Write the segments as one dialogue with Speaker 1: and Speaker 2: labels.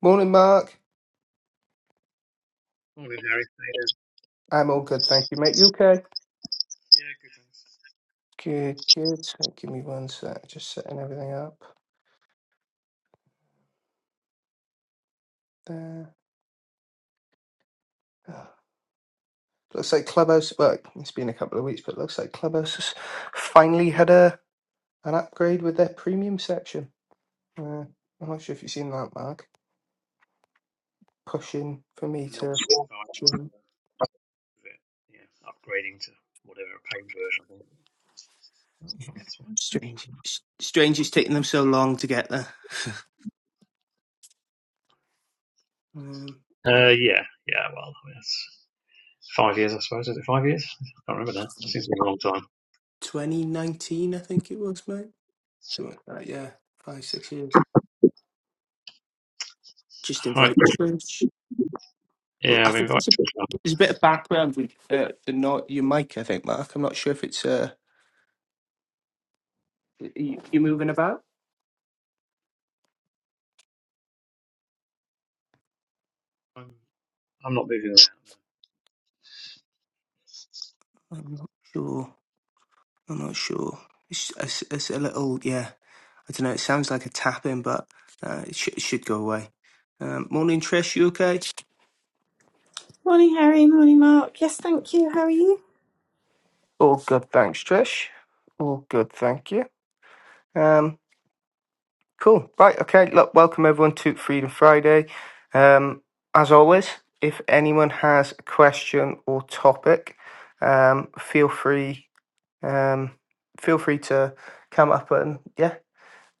Speaker 1: Morning, Mark.
Speaker 2: All good, Harry.
Speaker 1: I'm all good, thank you, mate. You okay?
Speaker 2: Yeah, good, thanks.
Speaker 1: Good, good. So give me one sec. Just setting everything up there. Ah, Looks like Clubhouse. Well, it's been a couple of weeks, but it looks like Clubhouse has finally had a an upgrade with their premium section. Uh, I'm not sure if you've seen that, Mark. Pushing for me
Speaker 2: And
Speaker 1: to
Speaker 2: that's the environment
Speaker 1: join.
Speaker 2: of it. Yeah, upgrading to whatever paid version. I Oh, that's fine.
Speaker 1: Strange. S- Strange. It's taking them so long to get there. Um,
Speaker 2: Uh, yeah, yeah, well, I mean, that's five years, I suppose. Is it five years? I can't remember now. It Seems to be a long time.
Speaker 1: 2019, I think it was, mate. Something like that. Yeah, five, six years. Just
Speaker 2: Right.
Speaker 1: invite Trish. Well,
Speaker 2: Yeah,
Speaker 1: I
Speaker 2: I've
Speaker 1: think
Speaker 2: invited
Speaker 1: there's a,
Speaker 2: people.
Speaker 1: there's a bit of background with uh, the not your mic. I think Mark. I'm not sure if it's uh you, you're moving about.
Speaker 2: I'm, I'm not moving around.
Speaker 1: I'm not sure. I'm not sure. It's, it's, it's a little yeah. I don't know. It sounds like a tapping, but uh, it, sh- it should go away. Um, morning, Trish. You okay?
Speaker 3: Morning, Harry. Morning, Mark. Yes, thank you. How are you?
Speaker 1: All good, thanks, Trish. All good, thank you. Um. Cool. Right. Okay. Look, welcome everyone to Freedom Friday. Um, as always, if anyone has a question or topic, um, feel free um, feel free to come up and yeah,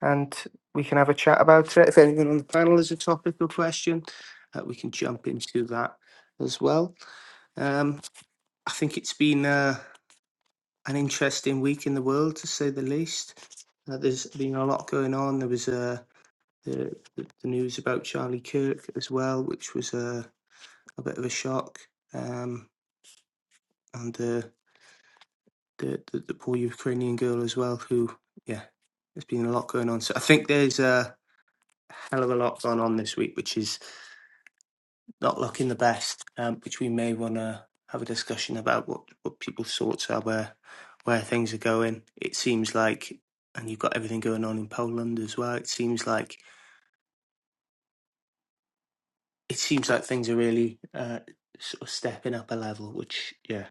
Speaker 1: and we can have a chat about it. If anyone on the panel has a topic or question, uh, we can jump into that as well. Um, I think it's been uh, an interesting week in the world, to say the least. Uh, there's been a lot going on. There was a the, the, the news about Charlie Kirk as well, which was a, a bit of a shock, um, and uh, the, the the poor Ukrainian girl as well, who yeah, there's been a lot going on. So I think there's a hell of a lot going on this week, which is not looking the best, um, which we may want to have a discussion about what what people's thoughts are where where things are going. It seems like, and you've got everything going on in Poland as well. It seems like it seems like things are really uh, sort of stepping up a level, which yeah,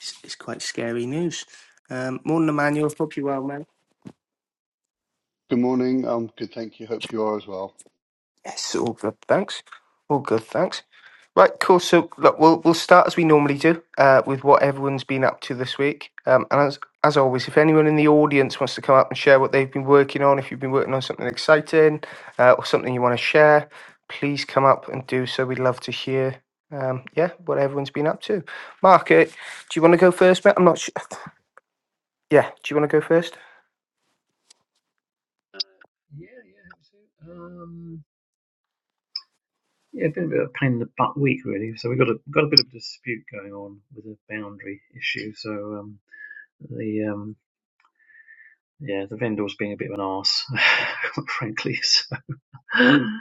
Speaker 1: is, is quite scary news. Um, morning, Emmanuel. Hope you're well, man.
Speaker 4: Good morning. I'm good, thank you. Hope you are as well.
Speaker 1: Yes, all good. Thanks. All good. Thanks. Right, cool. So look, we'll we'll start as we normally do uh, with what everyone's been up to this week. Um, and as as always, if anyone in the audience wants to come up and share what they've been working on, if you've been working on something exciting uh, or something you want to share, please come up and do so. We'd love to hear, um, yeah, what everyone's been up to. Mark, uh, do you want to go first, mate? I'm not sure. Yeah, do you want to go first?
Speaker 2: Uh, yeah, yeah, have a seat. Um, yeah, been a bit of a pain in the butt week, really. So we've got a, got a bit of a dispute going on with a boundary issue. So um, the um, yeah, the vendor was being a bit of an arse, frankly. So, um,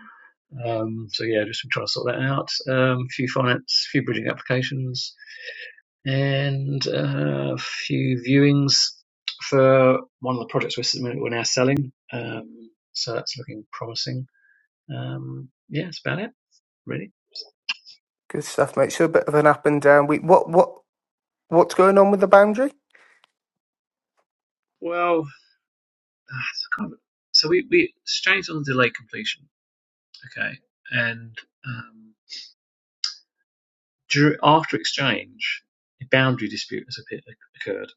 Speaker 2: so yeah, just been trying to sort that out. Um, a few finance, a few bridging applications, and uh, a few viewings for one of the projects we're, we're now selling. Um, so that's looking promising. Um, yeah, that's about it, really.
Speaker 1: Good stuff, mate. So a bit of an up and down week. What what what's going on with the boundary?
Speaker 2: Well, uh, it's kind of- so we, we exchanged on delay completion, okay, and. um, during, After exchange, a boundary dispute has occurred.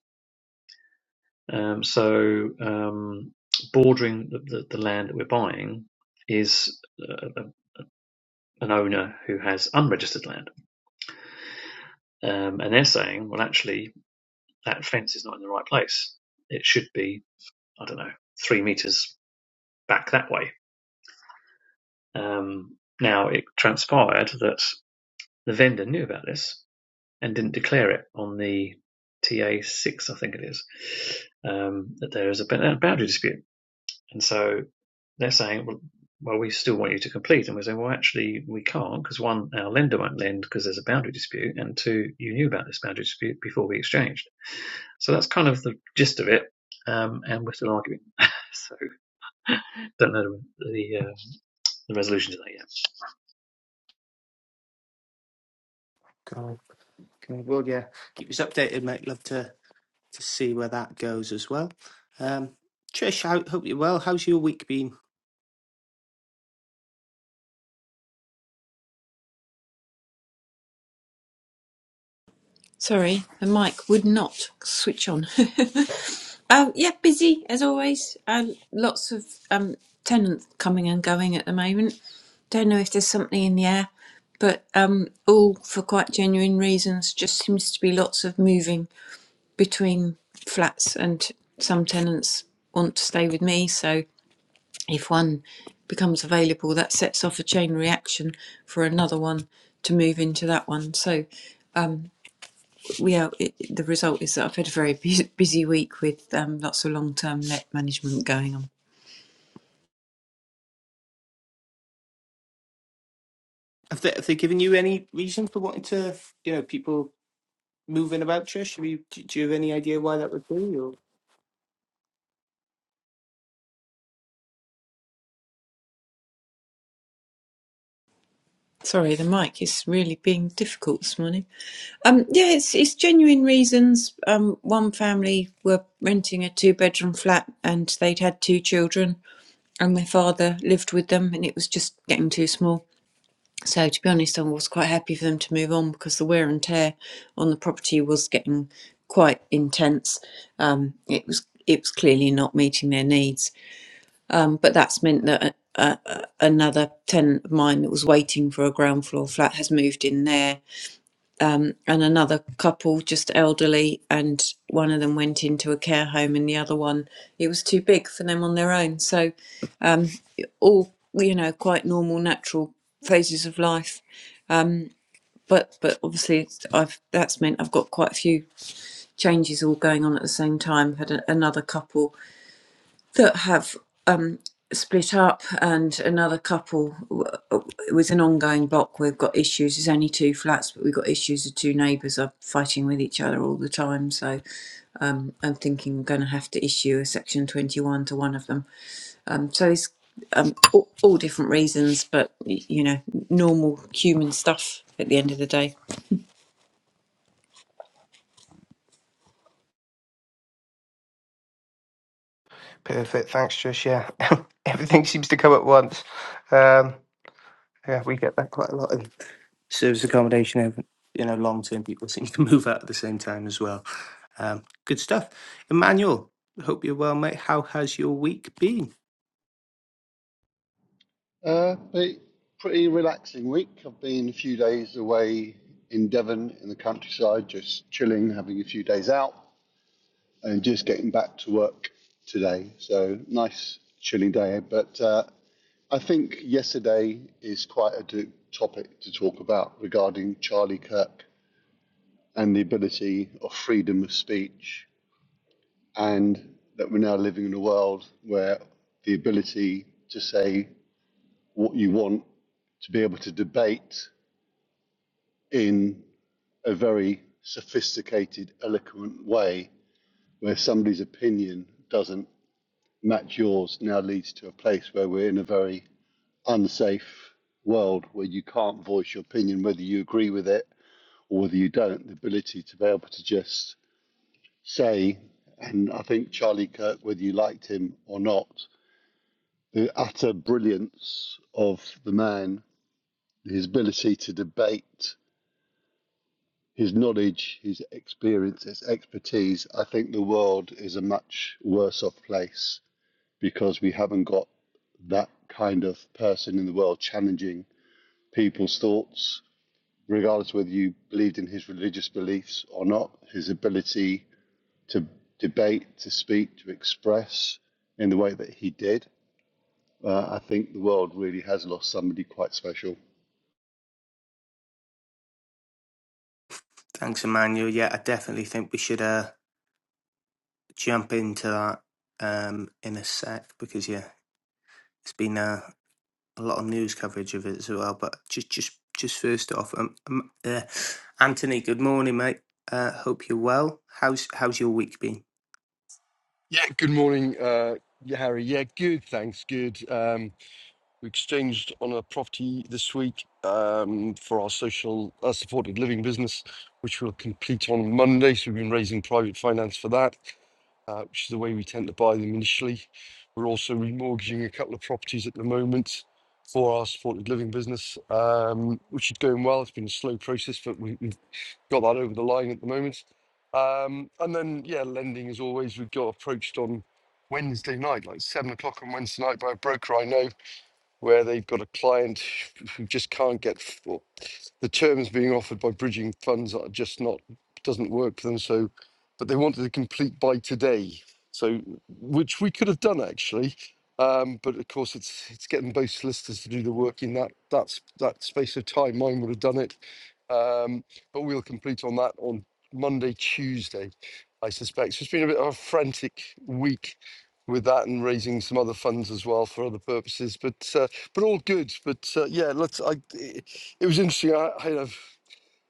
Speaker 2: Um, so, um, bordering the, the, the land that we're buying is uh, an owner who has unregistered land. Um, and they're saying, well, actually, that fence is not in the right place. It should be, I don't know, three meters back that way. Um, now, it transpired that the vendor knew about this and didn't declare it on the TA6, I think it is, um, that there is a boundary dispute. And so they're saying, well, well, we still want you to complete. And we're saying, well, actually, we can't because one, our lender won't lend because there's a boundary dispute. And two, you knew about this boundary dispute before we exchanged. So that's kind of the gist of it. Um, and we're still arguing. so don't know the, uh, the resolution to that yet.
Speaker 1: Go on. Okay, well, yeah, keep us updated, mate. Love to to see where that goes as well. Um, Trish, I hope you're well. How's your week been? Have they, have they given you any reason for wanting to, you know, people moving about, Trish? Have you, do do you have any idea why that would be? Or? Perfect. Thanks, Trish. Yeah. Everything seems to come at once. Um, yeah, we get that quite a lot in service accommodation over you know long term people seem to move out at the same time as well um, good stuff emmanuel hope you're well mate how has your week been
Speaker 4: Uh, pretty, pretty relaxing week. I've been a few days away in Devon in the countryside, just chilling, having a few days out, and just getting back to work today. So nice chilly day. But uh, I think yesterday is quite a do- topic to talk about regarding Charlie Kirk and the ability of freedom of speech, and that we're now living in a world where the ability to say what you want to be able to debate in a very sophisticated, eloquent way where somebody's opinion doesn't match yours now leads to a place where we're in a very unsafe world where you can't voice your opinion, whether you agree with it or whether you don't. The ability to be able to just say, and I think Charlie Kirk, whether you liked him or not, the utter brilliance of the man, his ability to debate his knowledge, his experience, his expertise, I think the world is a much worse off place because we haven't got that kind of person in the world challenging people's thoughts, regardless whether you believed in his religious beliefs or not, his ability to debate, to speak, to express in the way that he did. Uh, I think the world really has lost somebody quite special.
Speaker 1: thanks emmanuel yeah i definitely think we should uh, jump into that um, in a sec because yeah, it's been uh, a lot of news coverage of it as well. But just just just first off, um, um uh, Anthony, good morning, mate. Uh, hope you're well. How's how's your week been?
Speaker 5: Yeah, good morning, uh, yeah, Harry. Yeah, good, thanks, good. Um, we exchanged on a property this week um, for our social uh, supported living business, which will complete on Monday. So we've been raising private finance for that, uh, which is the way we tend to buy them initially. We're also remortgaging a couple of properties at the moment for our supported living business, um, which is going well. It's been a slow process, but we, we've got that over the line at the moment. Um, and then, yeah, lending as always. We got approached on Wednesday night, like seven o'clock on Wednesday night, by a broker I know, where they've got a client who just can't get f- the terms being offered by bridging funds are just not doesn't work for them. So, but they wanted a complete buy today. So, which we could have done actually, um, but of course it's it's getting both solicitors to do the work in that that's that space of time. Mine would have done it, um, but we'll complete on that on Monday, Tuesday, I suspect. So it's been a bit of a frantic week with that and raising some other funds as well for other purposes but uh, but all good but uh, yeah let's i it, it was interesting. I, I had a,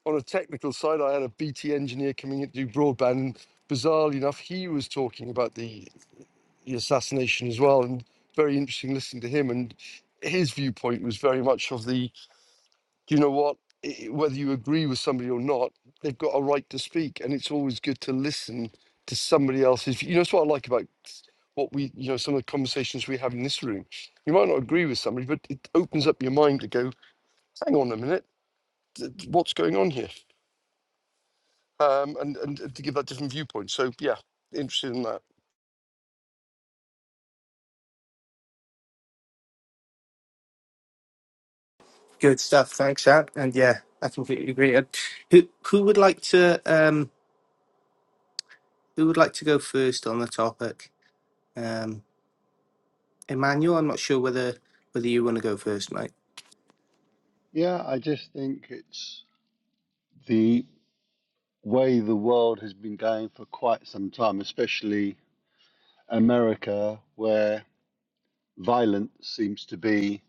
Speaker 5: on a technical side, I had a BT engineer coming in to do broadband. And bizarrely enough, he was talking about the, the assassination as well, and very interesting listening to him. And his viewpoint was very much of the, you know what, i- whether you agree with somebody or not, they've got a right to speak, and it's always good to listen to somebody else's. You know, it's what I like about what we, you know, some of the conversations we have in this room. You might not agree with somebody, but it opens up your mind to go, hang on a minute, th- what's going on here? um, and, and to give that different viewpoint. So yeah, interested in that.
Speaker 1: Good stuff, thanks, Ad. And yeah, I completely agree. And who who would like to um who would like to go first on the topic? Um, Emmanuel, I'm not sure whether whether you want to go first, mate.
Speaker 4: Yeah, I just think it's the way the world has been going for quite some time, especially America, where violence seems to be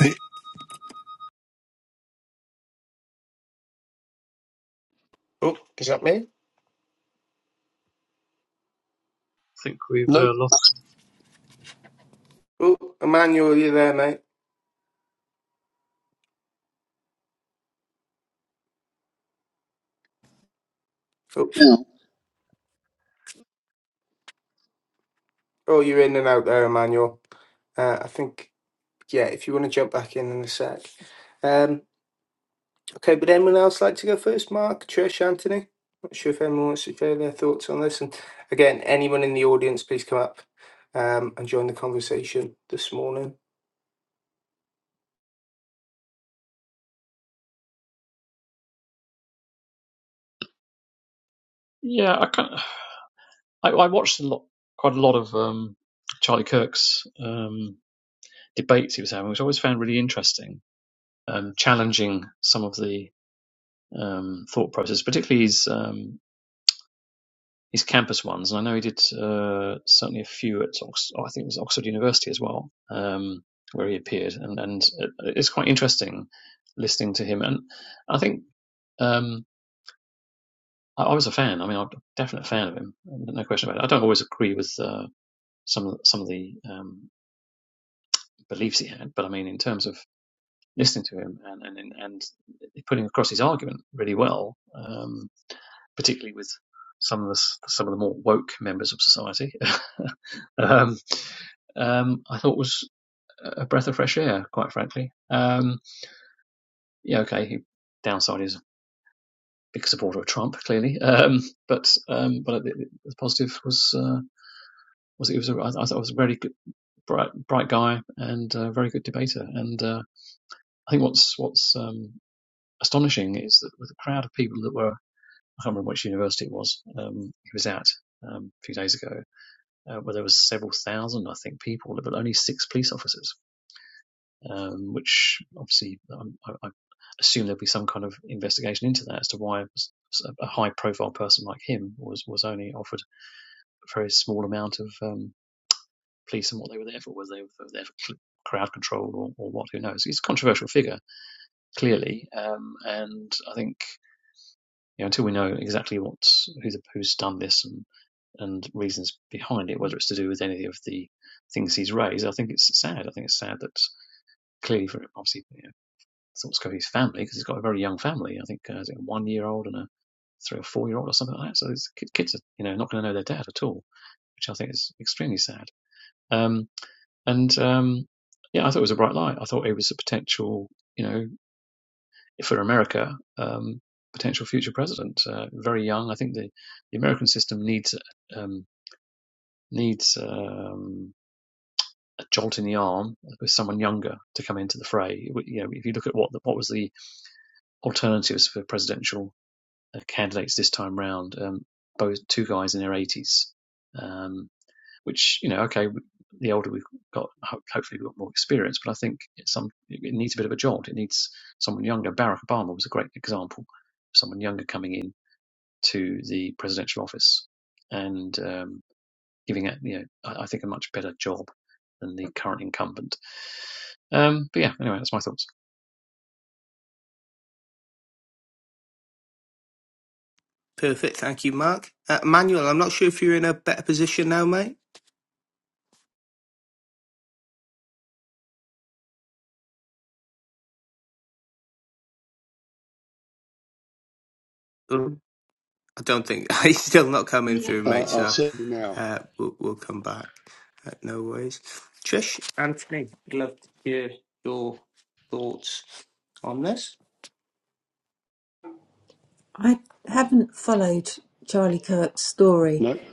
Speaker 4: They-
Speaker 1: Oh, is that me?
Speaker 2: think we've
Speaker 5: No,
Speaker 2: uh, lost.
Speaker 1: Oh, Emmanuel, are you there, mate? Oh.
Speaker 4: Now,
Speaker 1: Oh, you're in and out there, Emmanuel. Uh, I think, yeah, if you want to jump back in in a sec. Um, okay, would anyone else like to go first? Mark, Trish, Anthony? Not sure if anyone wants to share their thoughts on this. And again, anyone in the audience, please come up um, and join the conversation this morning.
Speaker 2: Yeah, I kind of, I, I watched a lot, quite a lot of um, Charlie Kirk's um, debates he was having, which I always found really interesting, um, challenging some of the um, thought process, particularly his um, his campus ones. And I know he did uh, certainly a few at Ox- oh, I think it was Oxford University as well, um, where he appeared, and and it's quite interesting listening to him. And I think um, I, was a fan. I mean, I'm a definite fan of him. No question about it. I don't always agree with. uh, some of, some of the um, beliefs he had, but I mean, in terms of listening to him and and and putting across his argument really well, um, particularly with some of the some of the more woke members of society, um, um, I thought was a breath of fresh air, quite frankly. Um, yeah, okay, he, downside is a big supporter of Trump, clearly, um, but um, but the, the positive was uh, was it was a, I, I thought it was a very good, bright bright guy and a very good debater and. Uh, I think what's what's um, astonishing is that with a crowd of people that were I can't remember which university it was um, he was at um, a few days ago, uh, where there was several thousand I think people, but only six police officers, um, which obviously um, I, I assume there'll be some kind of investigation into that as to why a a high-profile person like him was was only offered a very small amount of um, police and what they were there for, whether they were there for crowd control or, or what, who knows? He's a controversial figure clearly, um, and I think. you know, until we know exactly what's who's who's done this and and reasons behind it, whether it's to do with any of the things he's raised, I think it's sad. I think it's sad that clearly, for obviously, you know, Scott's family because he's got a very young family. I think uh, a one year old and a three or four year old or something like that. So these kids are you know not going to know their dad at all, which I think is extremely sad. Um, and um, yeah, I thought it was a bright light. I thought it was a potential. You know, for America, um, potential future president. Uh, very young. I think the, the American system needs um, needs um, a jolt in the arm with someone younger to come into the fray. You know, if you look at what the, what was the alternatives for presidential uh, candidates this time round, um, both two guys in their eighties, um, which you know, okay. The older we've got, hopefully we've got more experience. But I think it's some it it needs a bit of a jolt. It needs someone younger. Barack Obama was a great example of someone younger coming in to the presidential office and um, giving it, you know, I, I think a much better job than the current incumbent. Um, but yeah, anyway, that's my thoughts.
Speaker 1: Perfect. Thank you, Mark. Uh, Manuel, I'm not sure if you're in a better position now, mate. Um, I don't think he's still not coming through,
Speaker 4: uh,
Speaker 1: mate.
Speaker 4: uh,
Speaker 1: So
Speaker 4: certainly now.
Speaker 1: uh, we'll, we'll come back. Uh, no worries. Trish, Anthony, I'd love to hear your thoughts on this.
Speaker 4: No.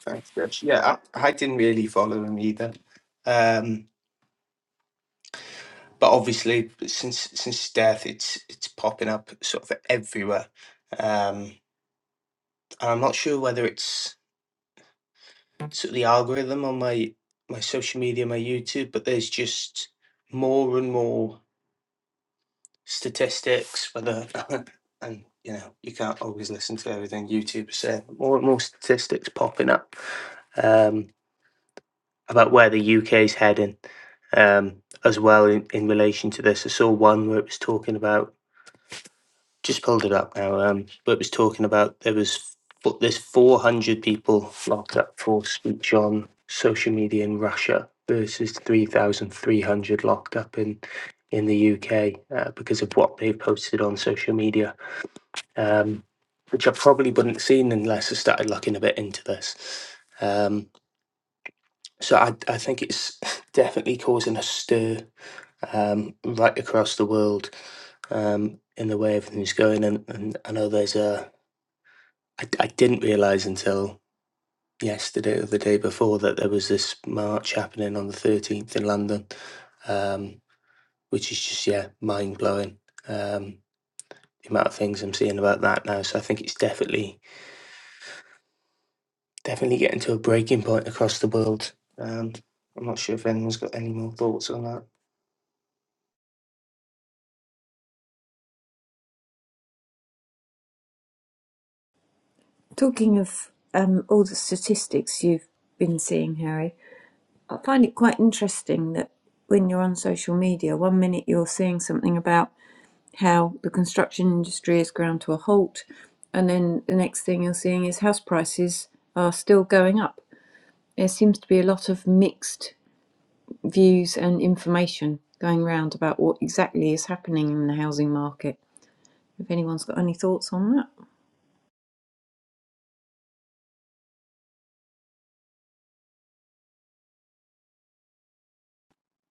Speaker 1: Thanks, Trish. Yeah, I, I didn't really follow him either. Um, but obviously, since since his death, it's it's popping up sort of everywhere. Um, and I'm not sure whether it's to the algorithm on my my social media, my YouTube, but there's just more and more statistics. Whether and you know you can't always listen to everything YouTube is say. More and more statistics popping up um, about where the UK is heading, um, as well in, in relation to this. I saw one where it was talking about just pulled it up now. Um, but it was talking about there was fo- there's 400 people locked up for speech on social media in Russia versus 3,300 locked up in in the UK uh, because of what they've posted on social media, um, which I probably wouldn't have seen unless I started looking a bit into this. Um, so I, I think it's definitely causing a stir um, right across the world um, in the way everything's going. And, and I know there's a I, I didn't realize until yesterday or the day before that there was this march happening on the 13th in London, um, which is just, yeah, mind blowing. Um, the amount of things I'm seeing about that now. So I think it's definitely, definitely getting to a breaking point across the world. And I'm not sure if anyone's got any more thoughts on that.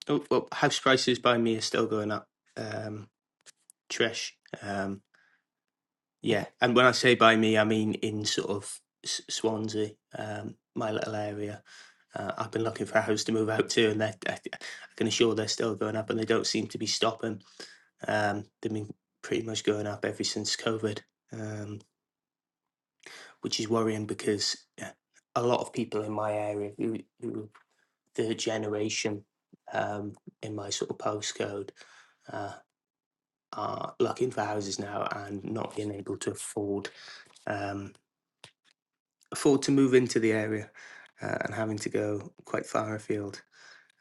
Speaker 1: Oh, well, house prices by me are still going up, um, Trish. Yeah, and when I say by me, I mean in sort of S- Swansea, um, my little area. Uh, I've been looking for a house to move out to, and they're- I, I can assure they're still going up, and they don't seem to be stopping. Um, they've been pretty much going up ever since COVID, um, which is worrying because yeah, a lot of people in my area, who, who the generation um, in my sort of postcode, uh, are looking for houses now and not being able to afford. Um, afford to move into the area uh, and having to go quite far afield,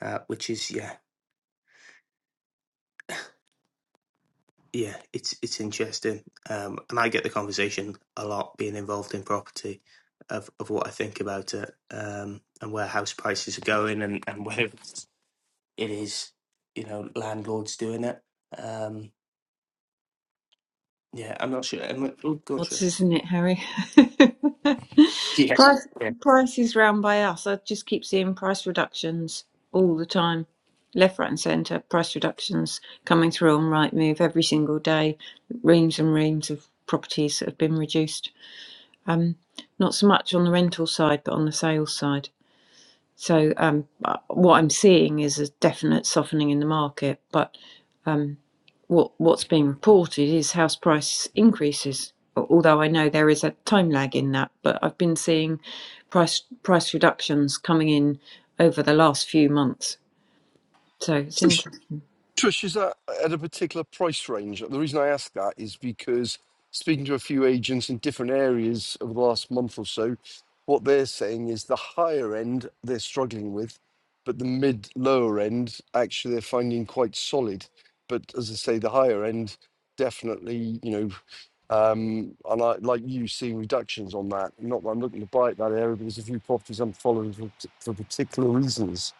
Speaker 1: uh, which is yeah, yeah, it's it's interesting. Um, and I get the conversation a lot being involved in property of, of what I think about it um, and where house prices are going and and whether it's- it is you know landlords doing it. Um, yeah, I'm not sure. I'm not, oh, go on, Trish. Yeah, yeah.
Speaker 5: Trish. Trish, is that at a particular price range? The reason I ask that is because speaking to a few agents in different areas over the last month or so, what they're saying is the higher end they're struggling with, but the mid lower end actually they're finding quite solid. But as I say, the higher end definitely, you know, um, and I like you seeing reductions on that. Not that I'm looking to buy at that area, but there's a few properties I'm following for, for particular reasons.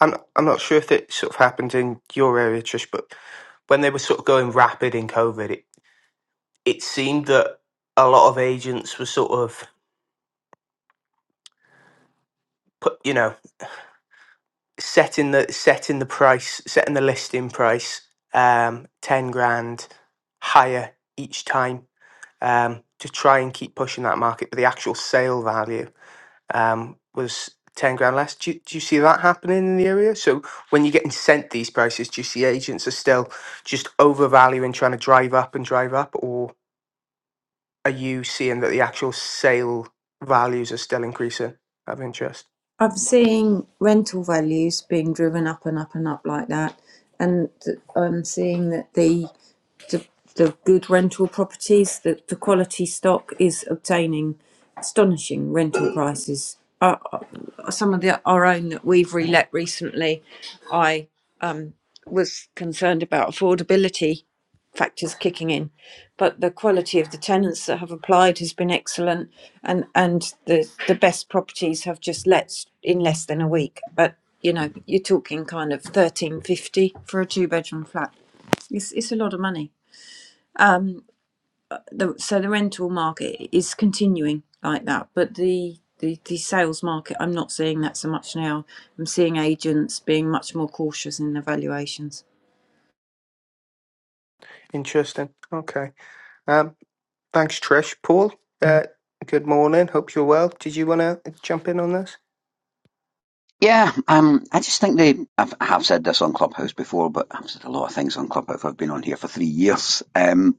Speaker 1: I'm I'm not sure if it sort of happened in your area, Trish, but when they were sort of going rapid in COVID, it seemed that a lot of agents were sort of put you know setting the setting the price setting the listing price um 10 grand higher each time um to try and keep pushing that market but the actual sale value um was 10 grand less do you, do you see that happening in the area so when you're getting sent these prices do you see agents are still just overvaluing trying to drive up and drive up are you seeing that the actual sale values are still increasing of interest? Interesting. Okay. Um, thanks, Trish. Paul, uh, good morning. Hope you're well. Did you want to jump in on this?
Speaker 6: Yeah, um, I just think they. I've, I have said this on Clubhouse before, but I've said a lot of things on Clubhouse. I've been on here for three years. Um,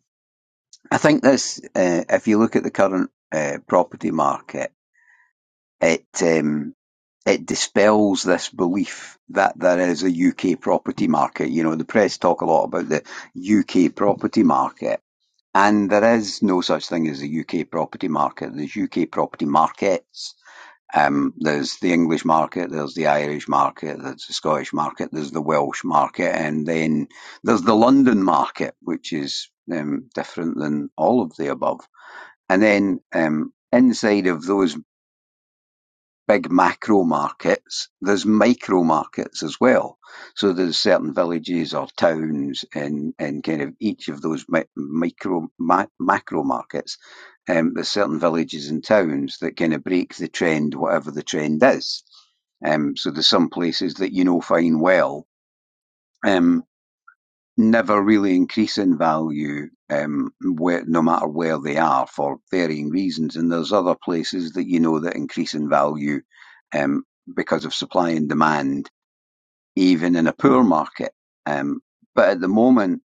Speaker 6: I think this. Uh, if you look at the current uh, property market, it um, it dispels this belief that there is a UK property market. You know, the press talk a lot about the UK property market, and there is no such thing as a UK property market. There's UK property markets um, there's the English market, there's the Irish market, there's the Scottish market, there's the Welsh market, and then there's the London market, which is um, different than all of the above. And then um, inside of those big macro markets, there's micro markets as well. So there's certain villages or towns in, in kind of each of those mi- micro ma- macro markets. Um, there's certain villages and towns that kind of break the trend, whatever the trend is. Um, so there's some places that you know fine well. Um, never really increase in value um, where, no matter where they are for varying reasons. And there's other places that you know that increase in value um, because of supply and demand, even in a poor market. Um, but at the moment,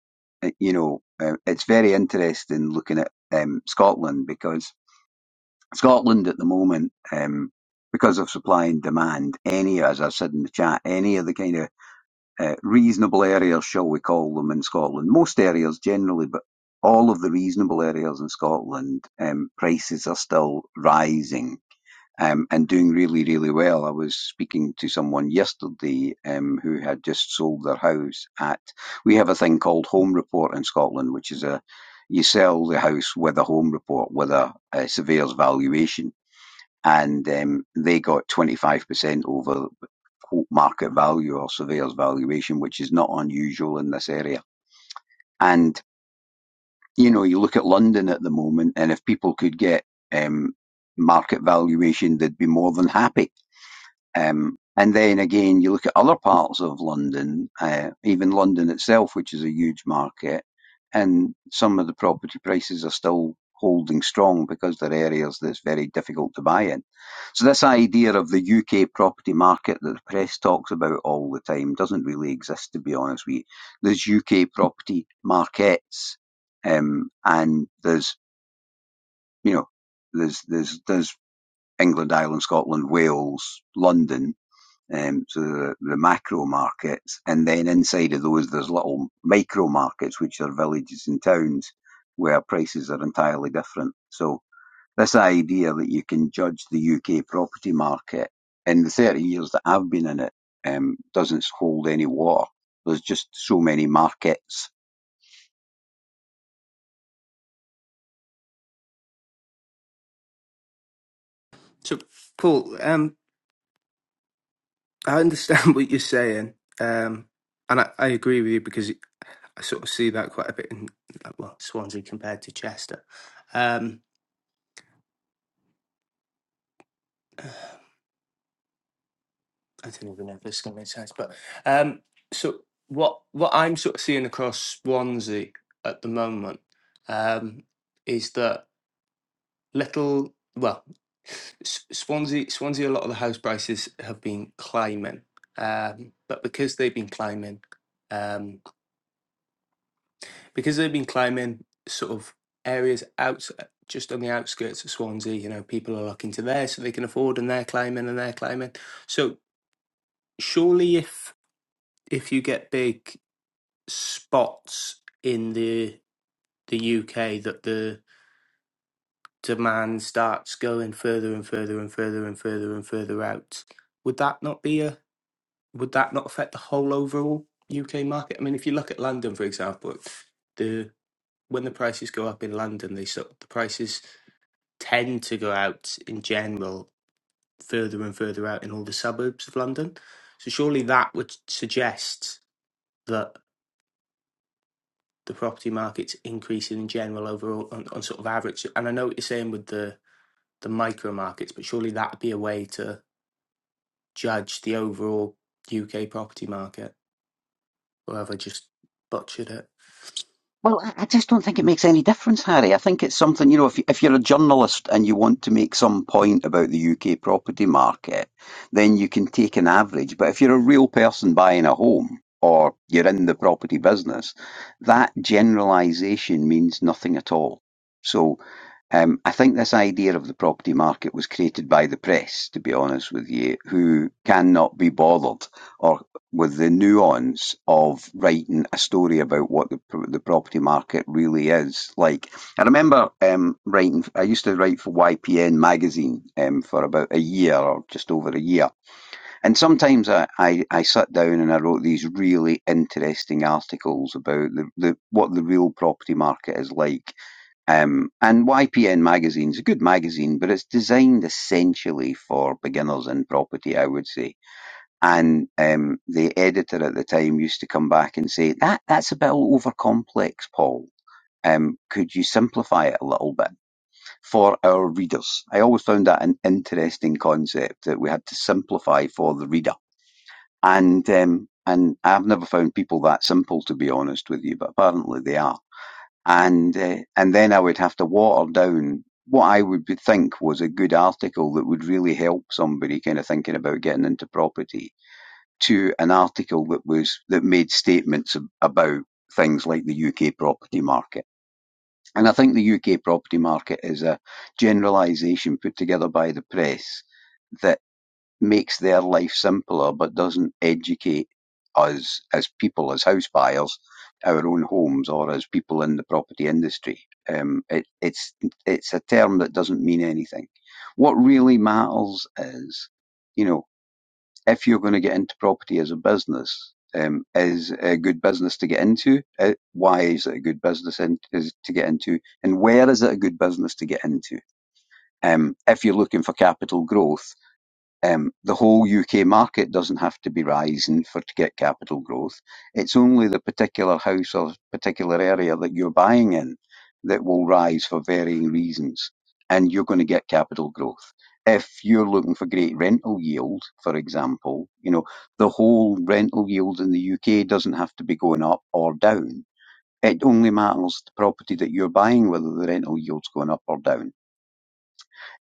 Speaker 6: uh, you know, uh, it's very interesting looking at um, Scotland because Scotland at the moment, um, because of supply and demand, any, as I've said in the chat, any of the kind of uh, reasonable areas, shall we call them, in Scotland. Most areas generally, but all of the reasonable areas in Scotland, um, prices are still rising. Um, and doing really, really well. I was speaking to someone yesterday um, who had just sold their house at. We have a thing called Home Report in Scotland, which is a you sell the house with a home report, with a, a surveyor's valuation, and um, they got 25% over quote market value or surveyor's valuation, which is not unusual in this area. And you know, you look at London at the moment, and if people could get um, market valuation, they'd be more than happy. Um, and then again, you look at other parts of London, uh, even London itself, which is a huge market, and some of the property prices are still holding strong because they're areas that's very difficult to buy in. So this idea of the UK property market that the press talks about all the time doesn't really exist, to be honest with you. There's UK property markets, um, and there's, you know, there's, there's, there's England, Ireland, Scotland, Wales, London, um, so the, the macro markets, and then inside of those there's little micro markets, which are villages and towns where prices are entirely different. So this idea that you can judge the UK property market in the 30 years that I've been in it um, doesn't hold any water. There's just so many markets
Speaker 1: So, Paul, um, I understand what you're saying, um, and I, I agree with you because I sort of see that quite a bit in, like, well, Swansea compared to Chester. Um, I don't even know if this is going to make sense, but um, so what what I'm sort of seeing across Swansea at the moment um, is that little well, S- Swansea Swansea a lot of the house prices have been climbing, um, but because they've been climbing, um, because they've been climbing, sort of areas out just on the outskirts of Swansea, you know, people are looking to there so they can afford, and they're climbing and they're climbing. So surely if if you get big spots in the the UK that the demand starts going further and further and further and further and further out. Would that not be a would that not affect the whole overall UK market? I mean, if you look at London, for example, the when the prices go up in London, they sort the prices tend to go out in general further and further out in all the suburbs of London. So surely that would suggest that. the property market's increasing in general overall on, on sort of average. And I know what you're saying with the the micro markets, but surely that'd be a way to judge the overall UK property market. Or have I just butchered it?
Speaker 6: Well, I I just don't think it makes any difference, Harry. I think it's something, you know, if, if you're a journalist and you want to make some point about the UK property market, then you can take an average. But if you're a real person buying a home or you're in the property business, that generalisation means nothing at all. So um, I think this idea of the property market was created by the press, to be honest with you, who cannot be bothered or with the nuance of writing a story about what the, the property market really is like. I remember um, writing, I used to write for YPN magazine um, for about a year or just over a year. And sometimes I, I, I sat down and I wrote these really interesting articles about the, the, what the real property market is like um, and YPN magazine's a good magazine, but it's designed essentially for beginners in property, I would say. And um, the editor at the time used to come back and say, that, that's a bit over complex, Paul. Um, could you simplify it a little bit for our readers? I always found that an interesting concept that we had to simplify for the reader. And um, and I've never found people that simple, to be honest with you, but apparently they are and uh, and then I would have to water down what I would be- think was a good article that would really help somebody kind of thinking about getting into property to an article that was that made statements ab- about things like the UK property market. And I think the UK property market is a generalisation put together by the press that makes their life simpler but doesn't educate us as people, as house buyers, our own homes or as people in the property industry. Um, it, it's it's a term that doesn't mean anything. What really matters is, you know, if you're going to get into property as a business, um, is a good business to get into? Uh, why is it a good business in, is to get into? And where is it a good business to get into? Um, if you're looking for capital growth, um, the whole UK market doesn't have to be rising for to get capital growth. It's only the particular house or particular area that you're buying in that will rise for varying reasons, and you're going to get capital growth. If you're looking for great rental yield, for example, you know, the whole rental yield in the UK doesn't have to be going up or down. It only matters the property that you're buying whether the rental yield's going up or down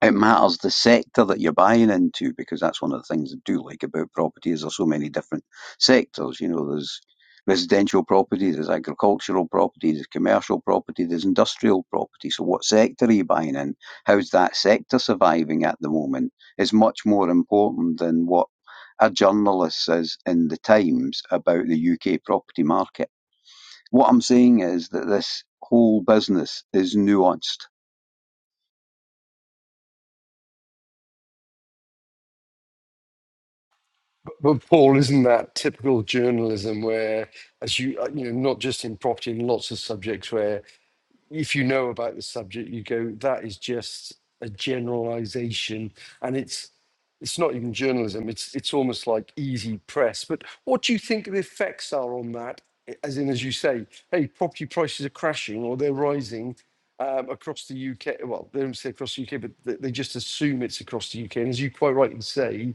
Speaker 6: it matters the sector that you're buying into because that's one of the things I do like about property is there's so many different sectors. You know, there's residential property, there's agricultural property, there's commercial property, there's industrial property. So what sector are you buying in? How's that sector surviving at the moment is much more important than what a journalist says in the Times about the UK property market. What I'm saying is that this whole business is nuanced
Speaker 5: But Paul, isn't that typical journalism where, as you, uh, you know, not just in property, in lots of subjects where if you know about the subject, you go, that is just a generalization. And it's, it's not even journalism. It's, it's almost like easy press. But what do you think the effects are on that? I- As in, as you say, hey, property prices are crashing or they're rising um, across the UK. Well, they don't say across the UK, but they, they just assume it's across the UK. And as you quite rightly say,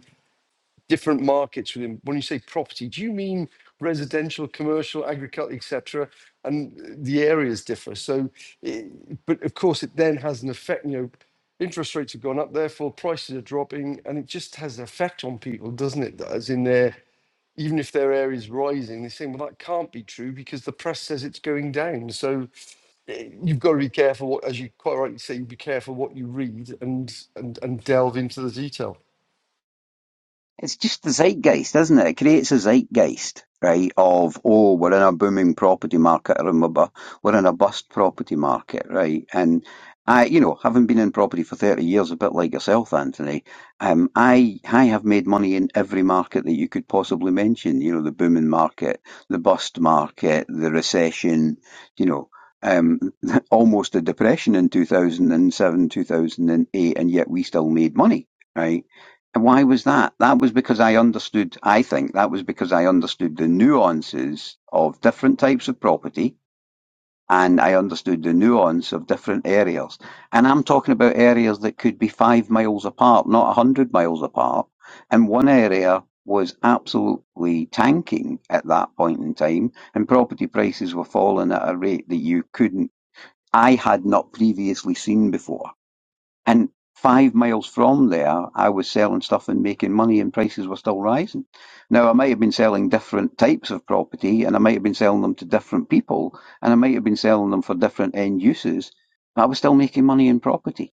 Speaker 5: different markets within when you say property do you mean residential commercial agriculture etc and uh, the areas differ so i- but of course it then has an effect you know interest rates have gone up therefore prices are dropping and it just has an effect on people doesn't it as in their even if their area is rising they're saying well that can't be true because the press says it's going down so eh, you've got to be careful what as you quite rightly say you be careful what you read and and, and delve into the detail
Speaker 6: It's just the zeitgeist, isn't it? It creates a zeitgeist, right, of, oh, we're in a booming property market, or we're we're in a bust property market, right? And I, you know, having been in property for 30 years, a bit like yourself, Anthony, um, I, I have made money in every market that you could possibly mention, you know, the booming market, the bust market, the recession, you know, um, almost a depression in 2007, 2008, and yet we still made money, right? And why was that? That was because I understood, I think that was because I understood the nuances of different types of property and I understood the nuance of different areas. And I'm talking about areas that could be five miles apart, not a hundred miles apart. And one area was absolutely tanking at that point in time and property prices were falling at a rate that you couldn't, I had not previously seen before. And five miles from there, I was selling stuff and making money, and prices were still rising. Now, I might have been selling different types of property, and I might have been selling them to different people, and I might have been selling them for different end uses, but I was still making money in property.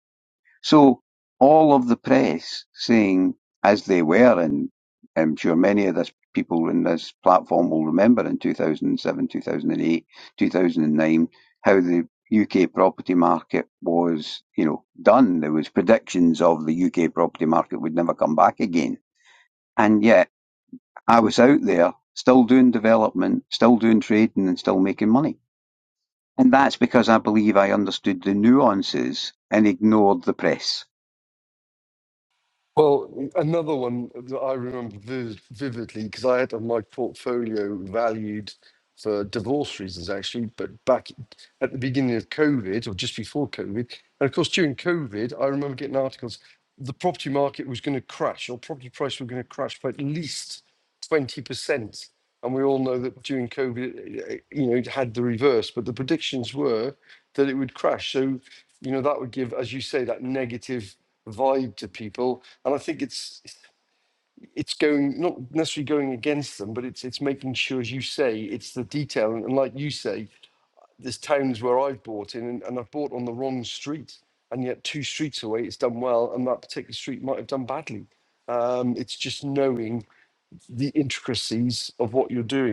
Speaker 6: So all of the press saying, as they were, and I'm sure many of this people in this platform will remember in 2007, 2008, 2009, how the UK property market was, you know, done. There was predictions of the UK property market would never come back again. And yet I was out there still doing development, still doing trading and still making money. And that's because I believe I understood the nuances and ignored the press
Speaker 5: Well, another one that I remember vivid, vividly because I had on my portfolio valued for divorce reasons, actually, but back at the beginning of COVID or just before COVID. And of course, during COVID, I remember getting articles the property market was going to crash or property price were going to crash by at least 20%. And we all know that during COVID, eh, eh, you know, it had the reverse, but the predictions were that it would crash. So, you know, that would give, as you say, that negative vibe to people and I think it's it's going not necessarily going against them, but it's it's making sure, as you say, it's the detail. And like you say, there's towns where I've bought in and, and I've bought on the wrong street, and yet two streets away it's done well, and that particular street might have done badly. Um, it's just knowing the intricacies of what you're doing.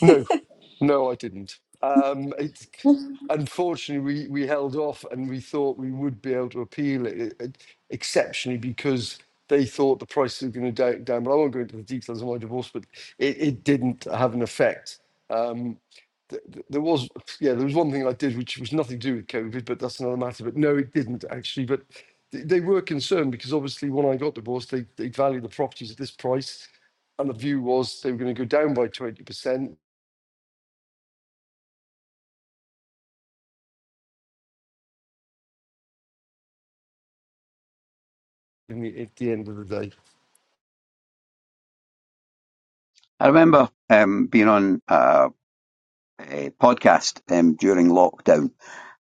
Speaker 5: No, no, I didn't. Um, it's unfortunately we, we held off, and we thought we would be able to appeal it, uh, exceptionally because they thought the price was going to go down. But I won't go into the details of my divorce, but it, it didn't have an effect. Um, th- th- there was yeah there was one thing I did which was nothing to do with COVID, but that's another matter. But no, it didn't actually. But th- they were concerned because obviously when I got divorced, they they valued the properties at this price, and the view was they were going to go down by twenty percent I mean, at the end of the day.
Speaker 6: I remember um, being on a, a podcast um, during lockdown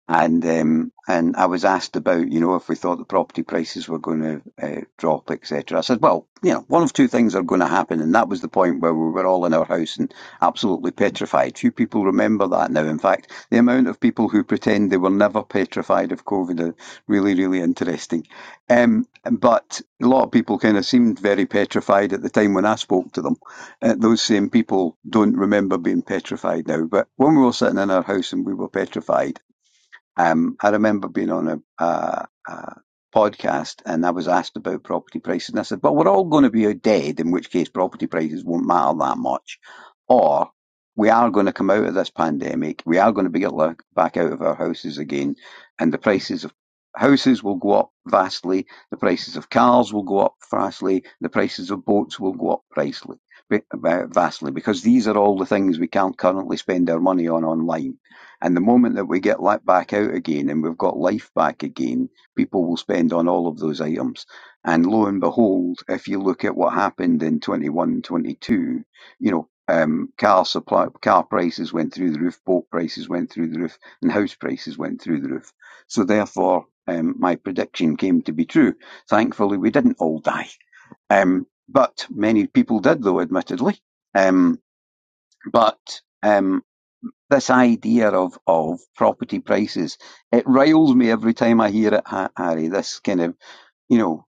Speaker 6: and um, and I was asked about, you know, if we thought the property prices were going to uh, drop, etc. I said, well, you know, one of two things are going to happen, and that was the point where we were all in our house and absolutely petrified. Few people remember that now. In fact, the amount of people who pretend they were never petrified of COVID are really, really interesting. Um, but a lot of people kind of seemed very petrified at the time when I spoke to them. Uh, those same people don't remember being petrified now. But when we were sitting in our house and we were petrified um, I remember being on a, a, a podcast and I was asked about property prices, and I said, "Well, we're all going to be dead, in which case property prices won't matter that much, or we are going to come out of this pandemic. We are going to be get back out of our houses again, and the prices of houses will go up vastly. The prices of cars will go up vastly. The prices of boats will go up vastly, vastly, because these are all the things we can't currently spend our money on online." And the moment that we get let back out again and we've got life back again, people will spend on all of those items. And lo and behold, if you look at what happened in 21, 22, you know, um, car supply, car prices went through the roof, boat prices went through the roof, and house prices went through the roof. So therefore, um, my prediction came to be true. Thankfully, we didn't all die. Um, but many people did, though, admittedly. Um, but Um, this idea of of property prices. It riles me every time I hear it, Harry. This kind of you know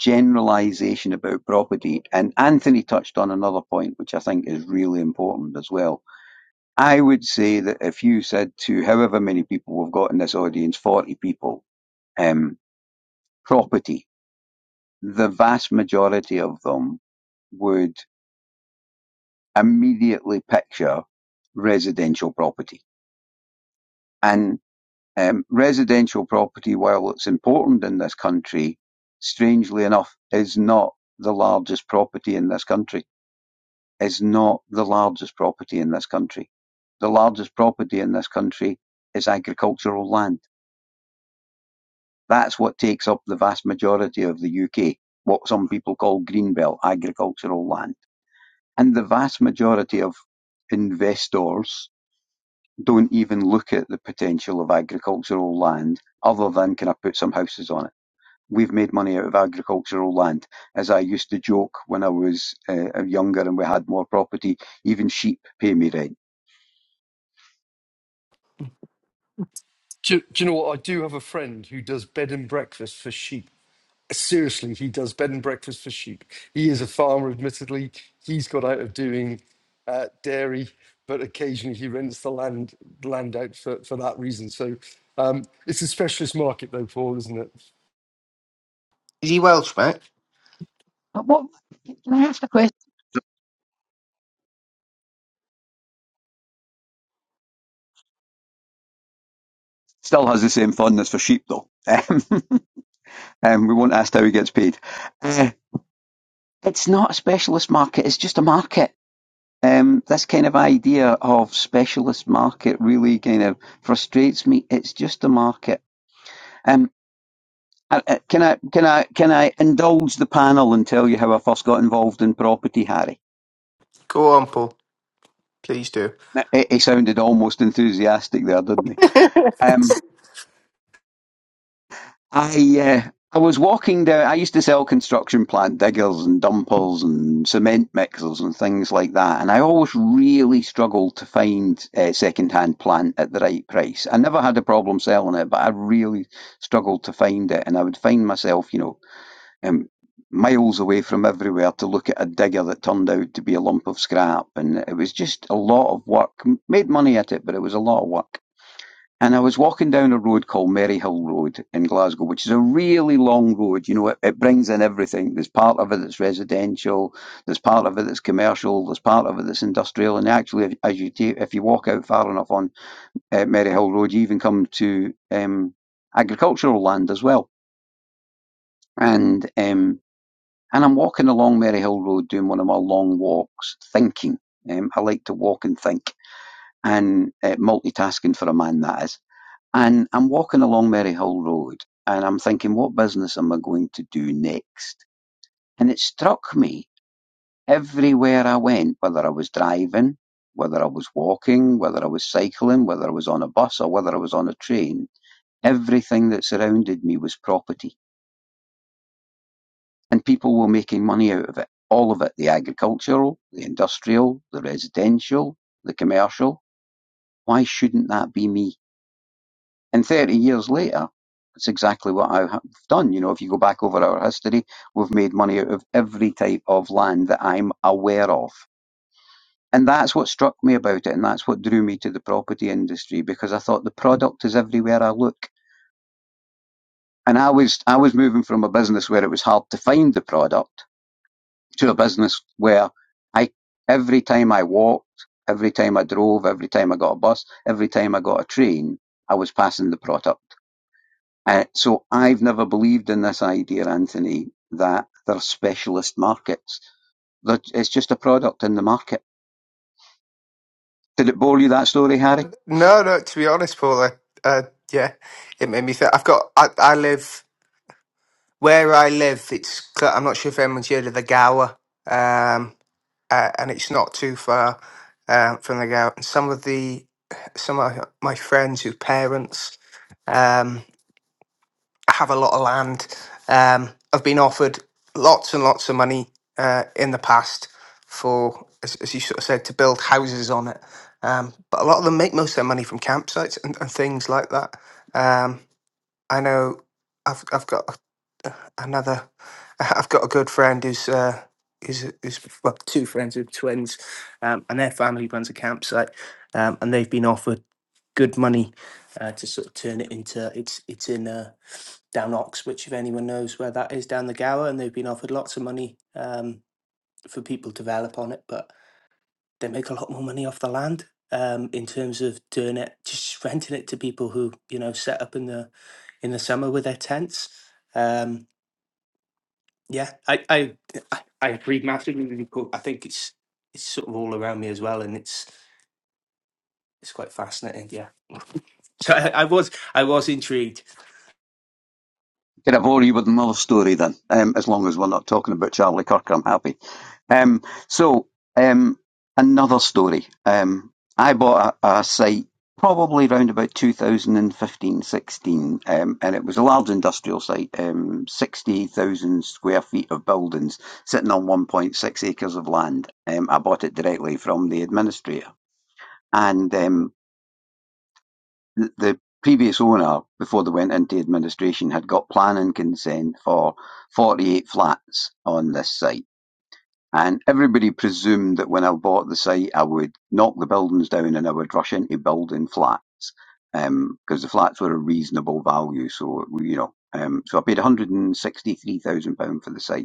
Speaker 6: generalization about property. And Anthony touched on another point, which I think is really important as well. I would say that if you said to however many people we've got in this audience, forty people, um, property, the vast majority of them would immediately picture residential property. And Um, Residential property, while it's important in this country, strangely enough, is not the largest property in this country. Is not the largest property in this country. The largest property in this country is agricultural land. That's what takes up the vast majority of the UK, what some people call greenbelt agricultural land. And the vast majority of investors don't even look at the potential of agricultural land other than can I put some houses on it? we've made money out of agricultural land. As I used to joke when I was uh, younger and we had more property, even sheep pay me rent.
Speaker 5: Do, do you know what? I do have a friend who does bed and breakfast for sheep. Seriously, he does bed and breakfast for sheep. He is a farmer, admittedly. He's got out of doing uh, dairy, but occasionally he rents the land land out for, for that reason. So um, it's a specialist market, though, Paul, isn't it?
Speaker 6: But what, can I ask a question? Still has the same fondness for sheep though. Um, we won't ask how he gets paid. Uh, it's not a specialist market, it's just a market. um, this kind of idea of specialist market really kind of frustrates me. It's just a market. Um, I- I- can I can I can I indulge the panel and tell you how I first got involved in property, Harry?
Speaker 1: Go on, Paul. Please do.
Speaker 6: He he sounded almost enthusiastic there, didn't he? Um, I uh, I was walking down. I used to sell construction plant diggers and dumpers and cement mixers and things like that, and I always really struggled to find uh, second-hand plant at the right price. I never had a problem selling it, but I really struggled to find it, and I would find myself, you know, um, miles away from everywhere to look at a digger that turned out to be a lump of scrap, and it was just a lot of work. M- Made money at it, but it was a lot of work. And I was walking down a road called Maryhill Road in Glasgow, which is a really long road. You know, it, it brings in everything. There's part of it that's residential, there's part of it that's commercial, there's part of it that's industrial. And actually, as you take, if you walk out far enough on uh, Maryhill Road, you even come to um, agricultural land as well. And um, and I'm walking along Maryhill Road doing one of my long walks, thinking. Um, I like to walk and think, and uh, multitasking for a man that is. And I'm walking along Maryhill Road and I'm thinking, what business am I going to do next? And it struck me everywhere I went, whether I was driving, whether I was walking, whether I was cycling, whether I was on a bus or whether I was on a train, everything that surrounded me was property. And people were making money out of it. All of it. The agricultural, the industrial, the residential, the commercial. Why shouldn't that be me? And 30 years later, it's exactly what I have done. You know, if you go back over our history, we've made money out of every type of land that I'm aware of. And that's what struck me about it. And that's what drew me to the property industry because I thought the product is everywhere I look. And I was, I was moving from a business where it was hard to find the product to a business where I, every time I walked, every time I drove, every time I got a bus, every time I got a train, I was passing the product. Uh, so I've never believed in this idea, Anthony, that they're specialist markets. That it's just a product in the market. Did it bore you that story, Harry?
Speaker 1: No, no. To be honest, Paul, I, uh, yeah, it made me think. I've got. I, I live where I live. It's. cl- I'm not sure if anyone's heard of the Gower, um, uh, and it's not too far. uh, from the garage. And some of the some of my friends whose parents um, have a lot of land um, have been offered lots and lots of money uh, in the past for, as, as you sort of said, to build houses on it. Um, but a lot of them make most of their money from campsites and, and things like that. Um, I know I've, I've got another. I've got a good friend who's uh, who's, who's well, two friends who are twins, um, and their family runs a campsite, um, and they've been offered good money uh, to sort of turn it into. It's it's in uh, down Oxwich, if anyone knows where that is, down the Gower, and they've been offered lots of money um, for people to develop on it, but they make a lot more money off the land. Um, in terms of doing it, just renting it to people who you know set up in the in the summer with their tents. Um, yeah, I I I I agree massively. But I think it's it's sort of all around me as well, and it's it's quite fascinating. Yeah. So I, I was I was intrigued.
Speaker 6: Can I bore you with another story then? Um, as long as we're not talking about Charlie Kirk, I'm happy. Um, so, um, another story. Um, I bought a, a site probably around about 2015 16, um, and it was a large industrial site, um, 60,000 square feet of buildings sitting on 1.6 acres of land. Um, I bought it directly from the administrator. And um, the previous owner, before they went into administration, had got planning consent for 48 flats on this site. And everybody presumed that when I bought the site, I would knock the buildings down and I would rush into building flats because um, the flats were a reasonable value. So, you know, um, so I paid £163,000 for the site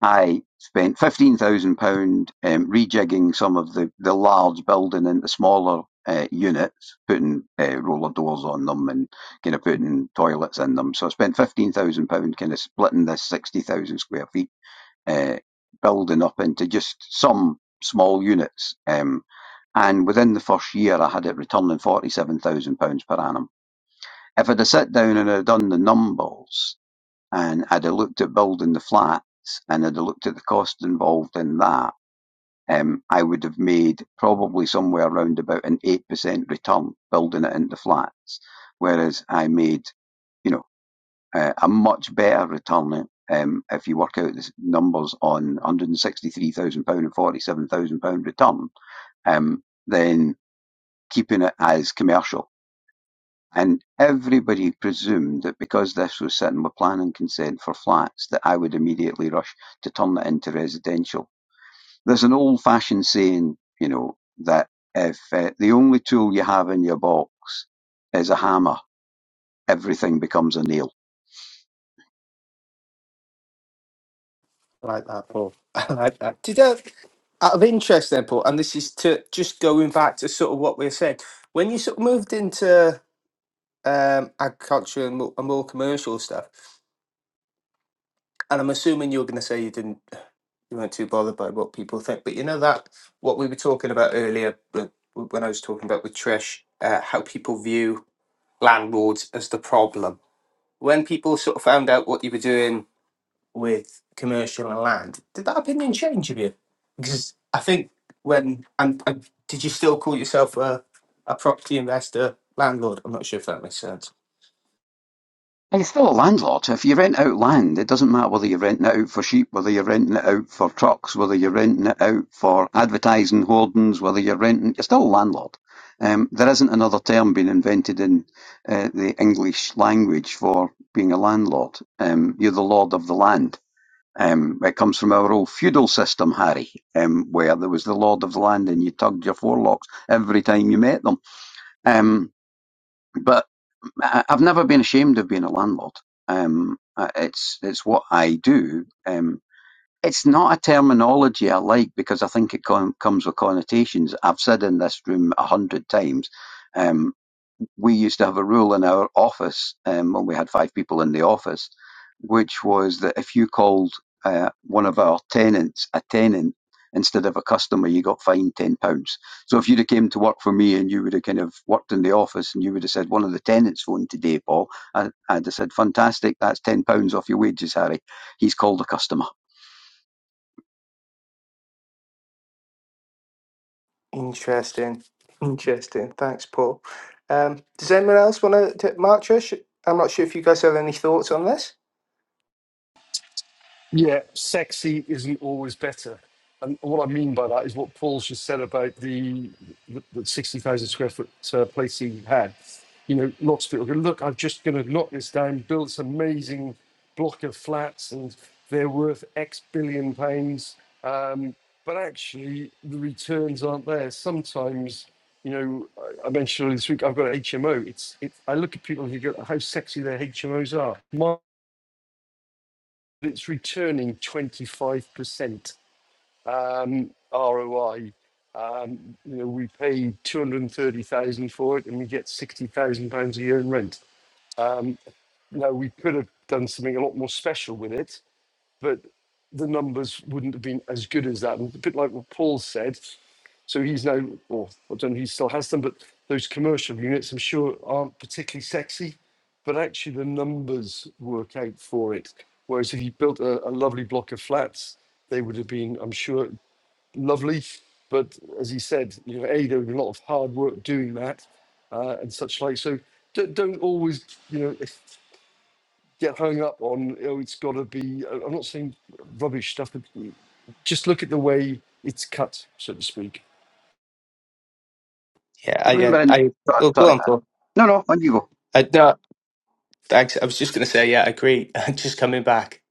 Speaker 6: I spent £15,000 um, rejigging some of the, the large building into smaller uh, units, putting uh, roller doors on them and kind of putting toilets in them. So I spent £15,000 kind of splitting this 60,000 square feet uh, building up into just some small units. Um, and within the first year, I had it returning £47,000 per annum. If I'd have sat down and had done the numbers, and I'd a looked at building the flats and I'd a looked at the cost involved in that, um, I would have made probably somewhere around about an 8% return building it into flats. Whereas I made, you know, uh, a much better return um, if you work out the numbers on £163,000 and £47,000 return, um, then keeping it as commercial. And everybody presumed that because this was sitting with planning consent for flats, that I would immediately rush to turn it into residential. There's an old fashioned saying, you know, that if uh, the only tool you have in your box is a hammer, everything becomes a nail.
Speaker 1: I like that, Paul. I like that. Did I, out of interest then, Paul? And this is to just going back to sort of what we are saying when you sort of moved into um, agriculture and more, and more commercial stuff. and I'm assuming you were going to say you didn't, you weren't too bothered by what people think, but you know that what we were talking about earlier uh, when I was talking about with Trish, uh, how people view landlords as the problem. When people sort of found out what you were doing with commercial and land, did that opinion change of you? Because I think when and, and did you still call yourself a a property investor landlord? I'm not sure if that makes sense.
Speaker 6: You're still a landlord. so If you rent out land, it doesn't matter whether you're renting it out for sheep, whether you're renting it out for trucks, whether you're renting it out for advertising hoardings, whether you're renting, you're still a landlord. Um, there isn't another term being invented in uh, the English language for being a landlord. Um, you're the lord of the land. Um, it comes from our old feudal system, Harry, um, where there was the lord of the land and you tugged your forelocks every time you met them. Um, but I- I've never been ashamed of being a landlord. Um, uh, it's it's what I do. Um, it's not a terminology I like because I think it com- comes with connotations. I've said in this room a hundred times. um, we used to have a rule in our office um, when we had five people in the office, which was that if you called uh, one of our tenants a tenant instead of a customer, you got fined ten pounds. So if you'd have came to work for me and you would have kind of worked in the office and you would have said one of the tenants phoned today, Paul, I, I'd have said fantastic, that's ten pounds off your wages, Harry. He's called a customer.
Speaker 1: Interesting. Interesting. Thanks, Paul. Um, does anyone else want to, Mark Trish? I'm not sure if you guys have any thoughts on this.
Speaker 5: Yeah, sexy isn't always better. And what I mean by that is what Paul's just said about the, the, the 60,000 square foot uh, place he had. You know, lots of people go, look, I'm just going to knock this down, build this amazing block of flats, and they're worth X billion pounds. Um, but actually, the returns aren't there. Sometimes, you know, I I mentioned earlier this week, I've got an HMO. It's, it's it, I look at people and you go, how sexy their HMOs are it's returning 25% um, ROI. Um, you know, we pay 230,000 for it and we get 60,000 pounds a year in rent. Um, now we could have done something a lot more special with it, but the numbers wouldn't have been as good as that. And a bit like what Paul said, so he's now, well, I don't know if he still has them, but those commercial units, I'm sure, aren't particularly sexy, but actually the numbers work out for it. Whereas if you built a, a lovely block of flats, they would have been, I'm sure, lovely. But as he said, you know, A, there would be a lot of hard work doing that uh, and such like. So do don't always, you know, get hung up on oh it's got to be I- i'm not saying rubbish stuff but just look at the way it's cut so to speak
Speaker 1: Yeah, I, uh,
Speaker 6: Remember, in,
Speaker 1: I,
Speaker 6: sorry,
Speaker 1: oh, go
Speaker 6: sorry.
Speaker 1: on, Paul.
Speaker 6: no, no, on you go.
Speaker 1: I, no, thanks. I was just going to say, yeah, I agree. Just coming back.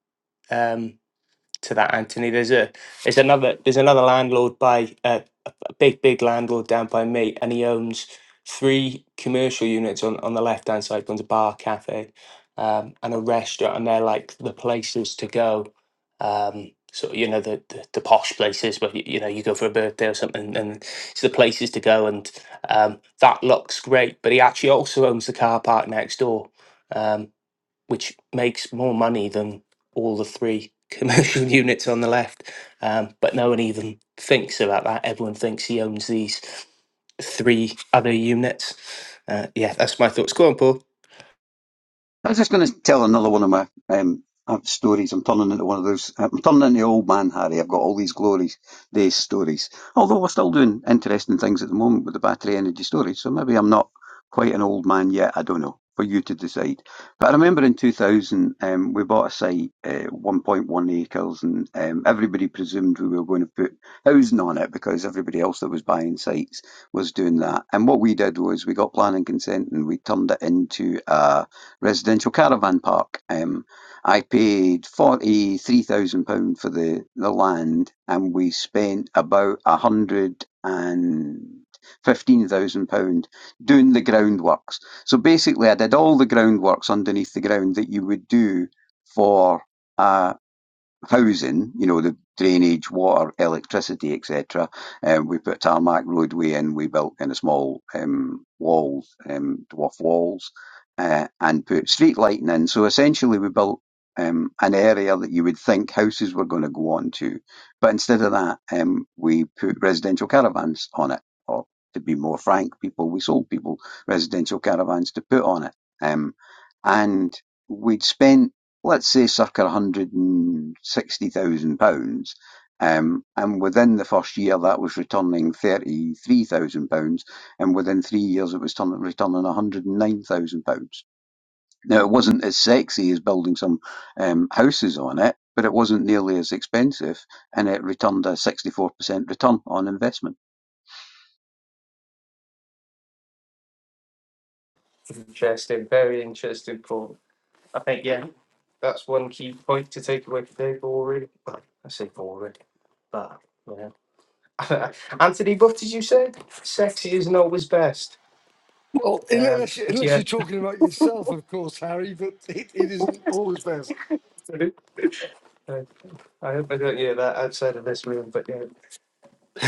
Speaker 1: to that, Anthony. There's a there's another there's another landlord by uh, a a big big landlord down by me, and he owns three commercial units on on the left hand side. One's a bar, cafe, um, and a restaurant, and they're like the places to go. Um, so you know the, the the posh places where you, you know you go for a birthday or something, and it's the places to go, and um, that looks great. But he actually also owns the car park next door. um which makes more money than all the three commercial units on the left. Um, but no one even thinks about that. Everyone thinks he owns these three other units. Uh, yeah, that's my thoughts. Go on, Paul.
Speaker 6: I was just going to tell another one of my um, uh, stories. I'm turning into one of those. I'm turning into old man Harry. I've got all these glories days stories. Although we're still doing interesting things at the moment with the battery energy storage, so maybe I'm not quite an old man yet. I don't know. For you to decide. But I remember in 2000, um, we bought a site, uh, 1.1 acres, and um, everybody presumed we were going to put housing on it because everybody else that was buying sites was doing that. And what we did was we got planning consent and we turned it into a residential caravan park. Um, I paid forty three thousand pound for the the land, and we spent about a hundred and fifteen thousand pound doing the groundworks. So basically, I did all the groundworks underneath the ground that you would do for. a housing, you know, the drainage, water, electricity, etc. Um, we put tarmac roadway in, we built in a small um, walls, um, dwarf walls, uh, and put street lighting in. So essentially, we built um, an area that you would think houses were going to go on to, but instead of that, um, we put residential caravans on it, or to be more frank, people we sold people residential caravans to put on it, um, and we'd spent let's say circa one hundred and sixty thousand pounds. Um, and within the first year, that was returning thirty-three thousand pounds, and within three years, it was turn- returning one hundred and nine thousand pounds. Now, it wasn't as sexy as building some um, houses on it, but it wasn't nearly as expensive, and it returned a sixty-four percent return on investment.
Speaker 1: Interesting, very interesting, Paul. I think, yeah, that's one key point to take away from Dave Boring. Well, I say boring, but, yeah, Anthony, what did you say? Sexy isn't always best.
Speaker 5: Well,
Speaker 1: Um,
Speaker 5: unless, you,
Speaker 1: but
Speaker 5: unless
Speaker 1: yeah,
Speaker 5: you're talking about yourself, of course, Harry, but it, it isn't always best.
Speaker 1: uh, I hope I don't hear that outside of this room, but yeah.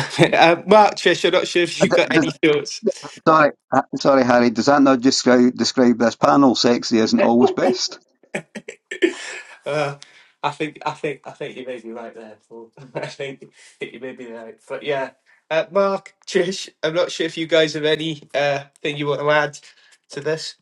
Speaker 1: uh, Mark Trish, I'm not sure if
Speaker 6: Uh,
Speaker 1: you've
Speaker 6: th-
Speaker 1: got
Speaker 6: does-
Speaker 1: any thoughts.
Speaker 6: Sorry, uh, sorry, Harry. Does that not just describe, describe this panel? Sexy isn't always best.
Speaker 1: Uh, I think I think I think you may be right there, Paul. I think, I think you may be right. But yeah. Uh, Mark, Trish, I'm not sure if you guys have any uh, thing you want to add to this.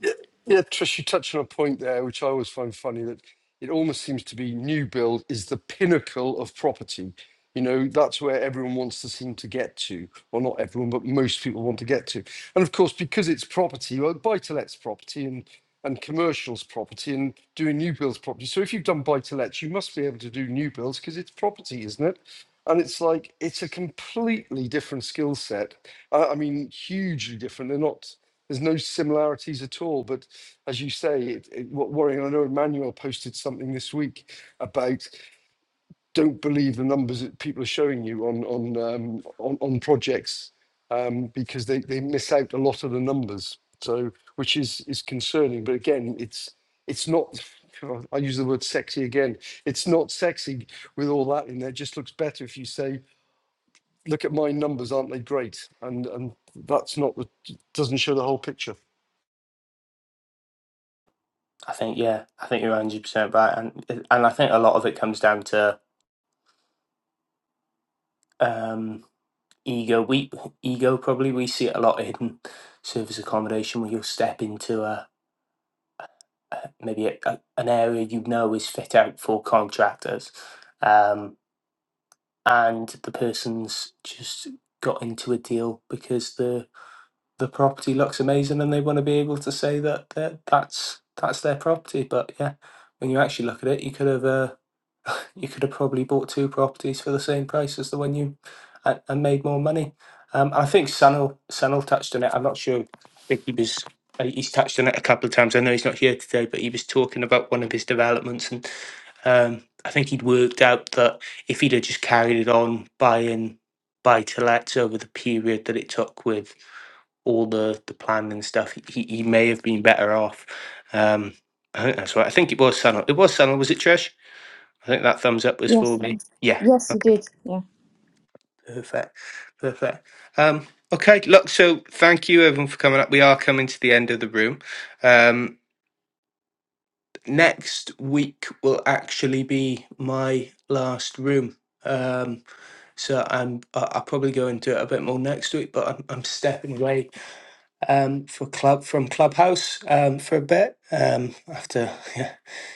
Speaker 5: Yeah, yeah, Trish, you touched on a point there, which I always find funny that it almost seems to be new build is the pinnacle of property. You know, that's where everyone wants to seem to get to, or not everyone, but most people want to get to. And of course, because it's property, well, buy to let's property and and commercials property and doing new builds property. So if you've done buy to lets, you must be able to do new builds because it's property, isn't it? And it's like it's a completely different skill set. I, I mean, hugely different. They're not. There's no similarities at all. But as you say, it, it, what worrying, I know Emmanuel posted something this week about don't believe the numbers that people are showing you on on um, on, on projects um, because they, they miss out a lot of the numbers. So which is is concerning. But again, it's it's not. God, I use the word sexy again. It's not sexy with all that in there. It just looks better if you say, "Look at my numbers, aren't they great?" And and that's not the doesn't show the whole picture.
Speaker 1: I think yeah, I think you're one hundred percent right, and and I think a lot of it comes down to um, ego. We ego probably we see it a lot in service accommodation where you'll step into a maybe a, a- an area you know is fit out for contractors, um, and the person's just got into a deal because the the property looks amazing and they want to be able to say that that that's that's their property. But yeah, when you actually look at it, you could have. Uh, you could have probably bought two properties for the same price as the one you and, and made more money. Um, I think Sanil Sanil touched on it. I'm not sure. I think he was uh, he's touched on it a couple of times. I know he's not here today, but he was talking about one of his developments, and um, I think he'd worked out that if he'd have just carried it on buying buy to lets over the period that it took with all the the planning and stuff, he, he he may have been better off. Um, I think that's right. I think it was Sanil. It was Sanil. Was it Trish? I think that thumbs up was for me. Yeah. Okay. Perfect. Perfect. Um, okay. Look. So thank you everyone for coming up. We are coming to the end of the room. Um, next week will actually be my last room. Um, so I'm I- I'll probably go into it a bit more next week, but I'm I'm stepping away um, for club from Clubhouse um, for a bit um, after yeah,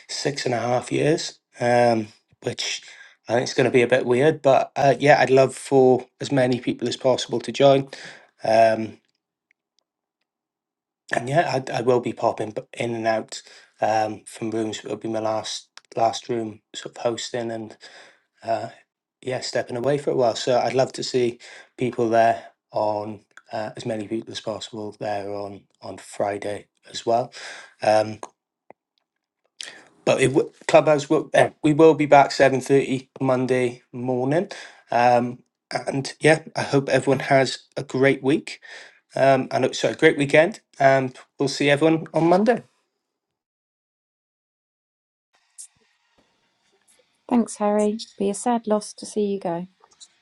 Speaker 1: six and a half years, um, which I think it's going to be a bit weird. But uh, yeah, I'd love for as many people as possible to join. Um, and yeah, I, I will be popping b- in and out um, from rooms. It'll be my last last room sort of hosting, and uh, yeah, stepping away for a while. So I'd love to see people there on uh, as many people as possible there on on Friday as well. Um, but it, w- clubhouse will eh, we will be back seven thirty Monday morning. Um, and yeah, I hope everyone has a great week. Um, and uh, sorry, great weekend. And we'll see everyone on Monday.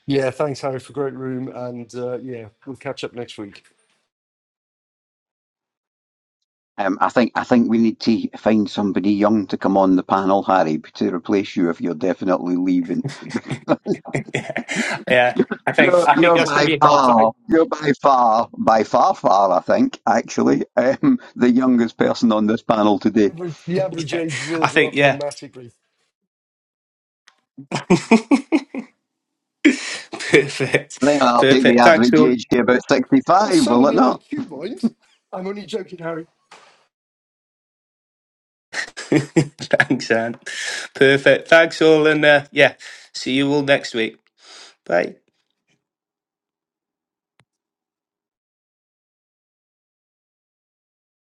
Speaker 5: Yeah, thanks, Harry, for great room, and uh, yeah, we'll catch up next week.
Speaker 6: Um, I think I think we need to find somebody young to come on the panel, Harry, to replace you if you're definitely leaving.
Speaker 1: yeah, yeah.
Speaker 6: You're
Speaker 1: I think
Speaker 6: you're,
Speaker 1: I think
Speaker 6: you're
Speaker 1: that's going
Speaker 6: by
Speaker 1: to be hard fight.
Speaker 6: far you're by far by far far I think actually um, the youngest person on this panel today.
Speaker 5: Average- The average
Speaker 1: Yeah,
Speaker 5: age
Speaker 1: I
Speaker 5: will go
Speaker 1: think
Speaker 5: up
Speaker 1: yeah.
Speaker 5: dramatically.
Speaker 1: Perfect.
Speaker 6: I think I'll take the
Speaker 1: Perfect. Thanks
Speaker 6: average
Speaker 1: all.
Speaker 6: age to about
Speaker 5: Well,
Speaker 6: sixty-five.
Speaker 5: so
Speaker 6: Will
Speaker 5: will
Speaker 6: it
Speaker 5: the
Speaker 6: not?
Speaker 5: IQ, mind. I'm only joking, Harry.
Speaker 1: Thanks, Anne. Perfect. Thanks all, and uh, yeah, see you all next week. Bye.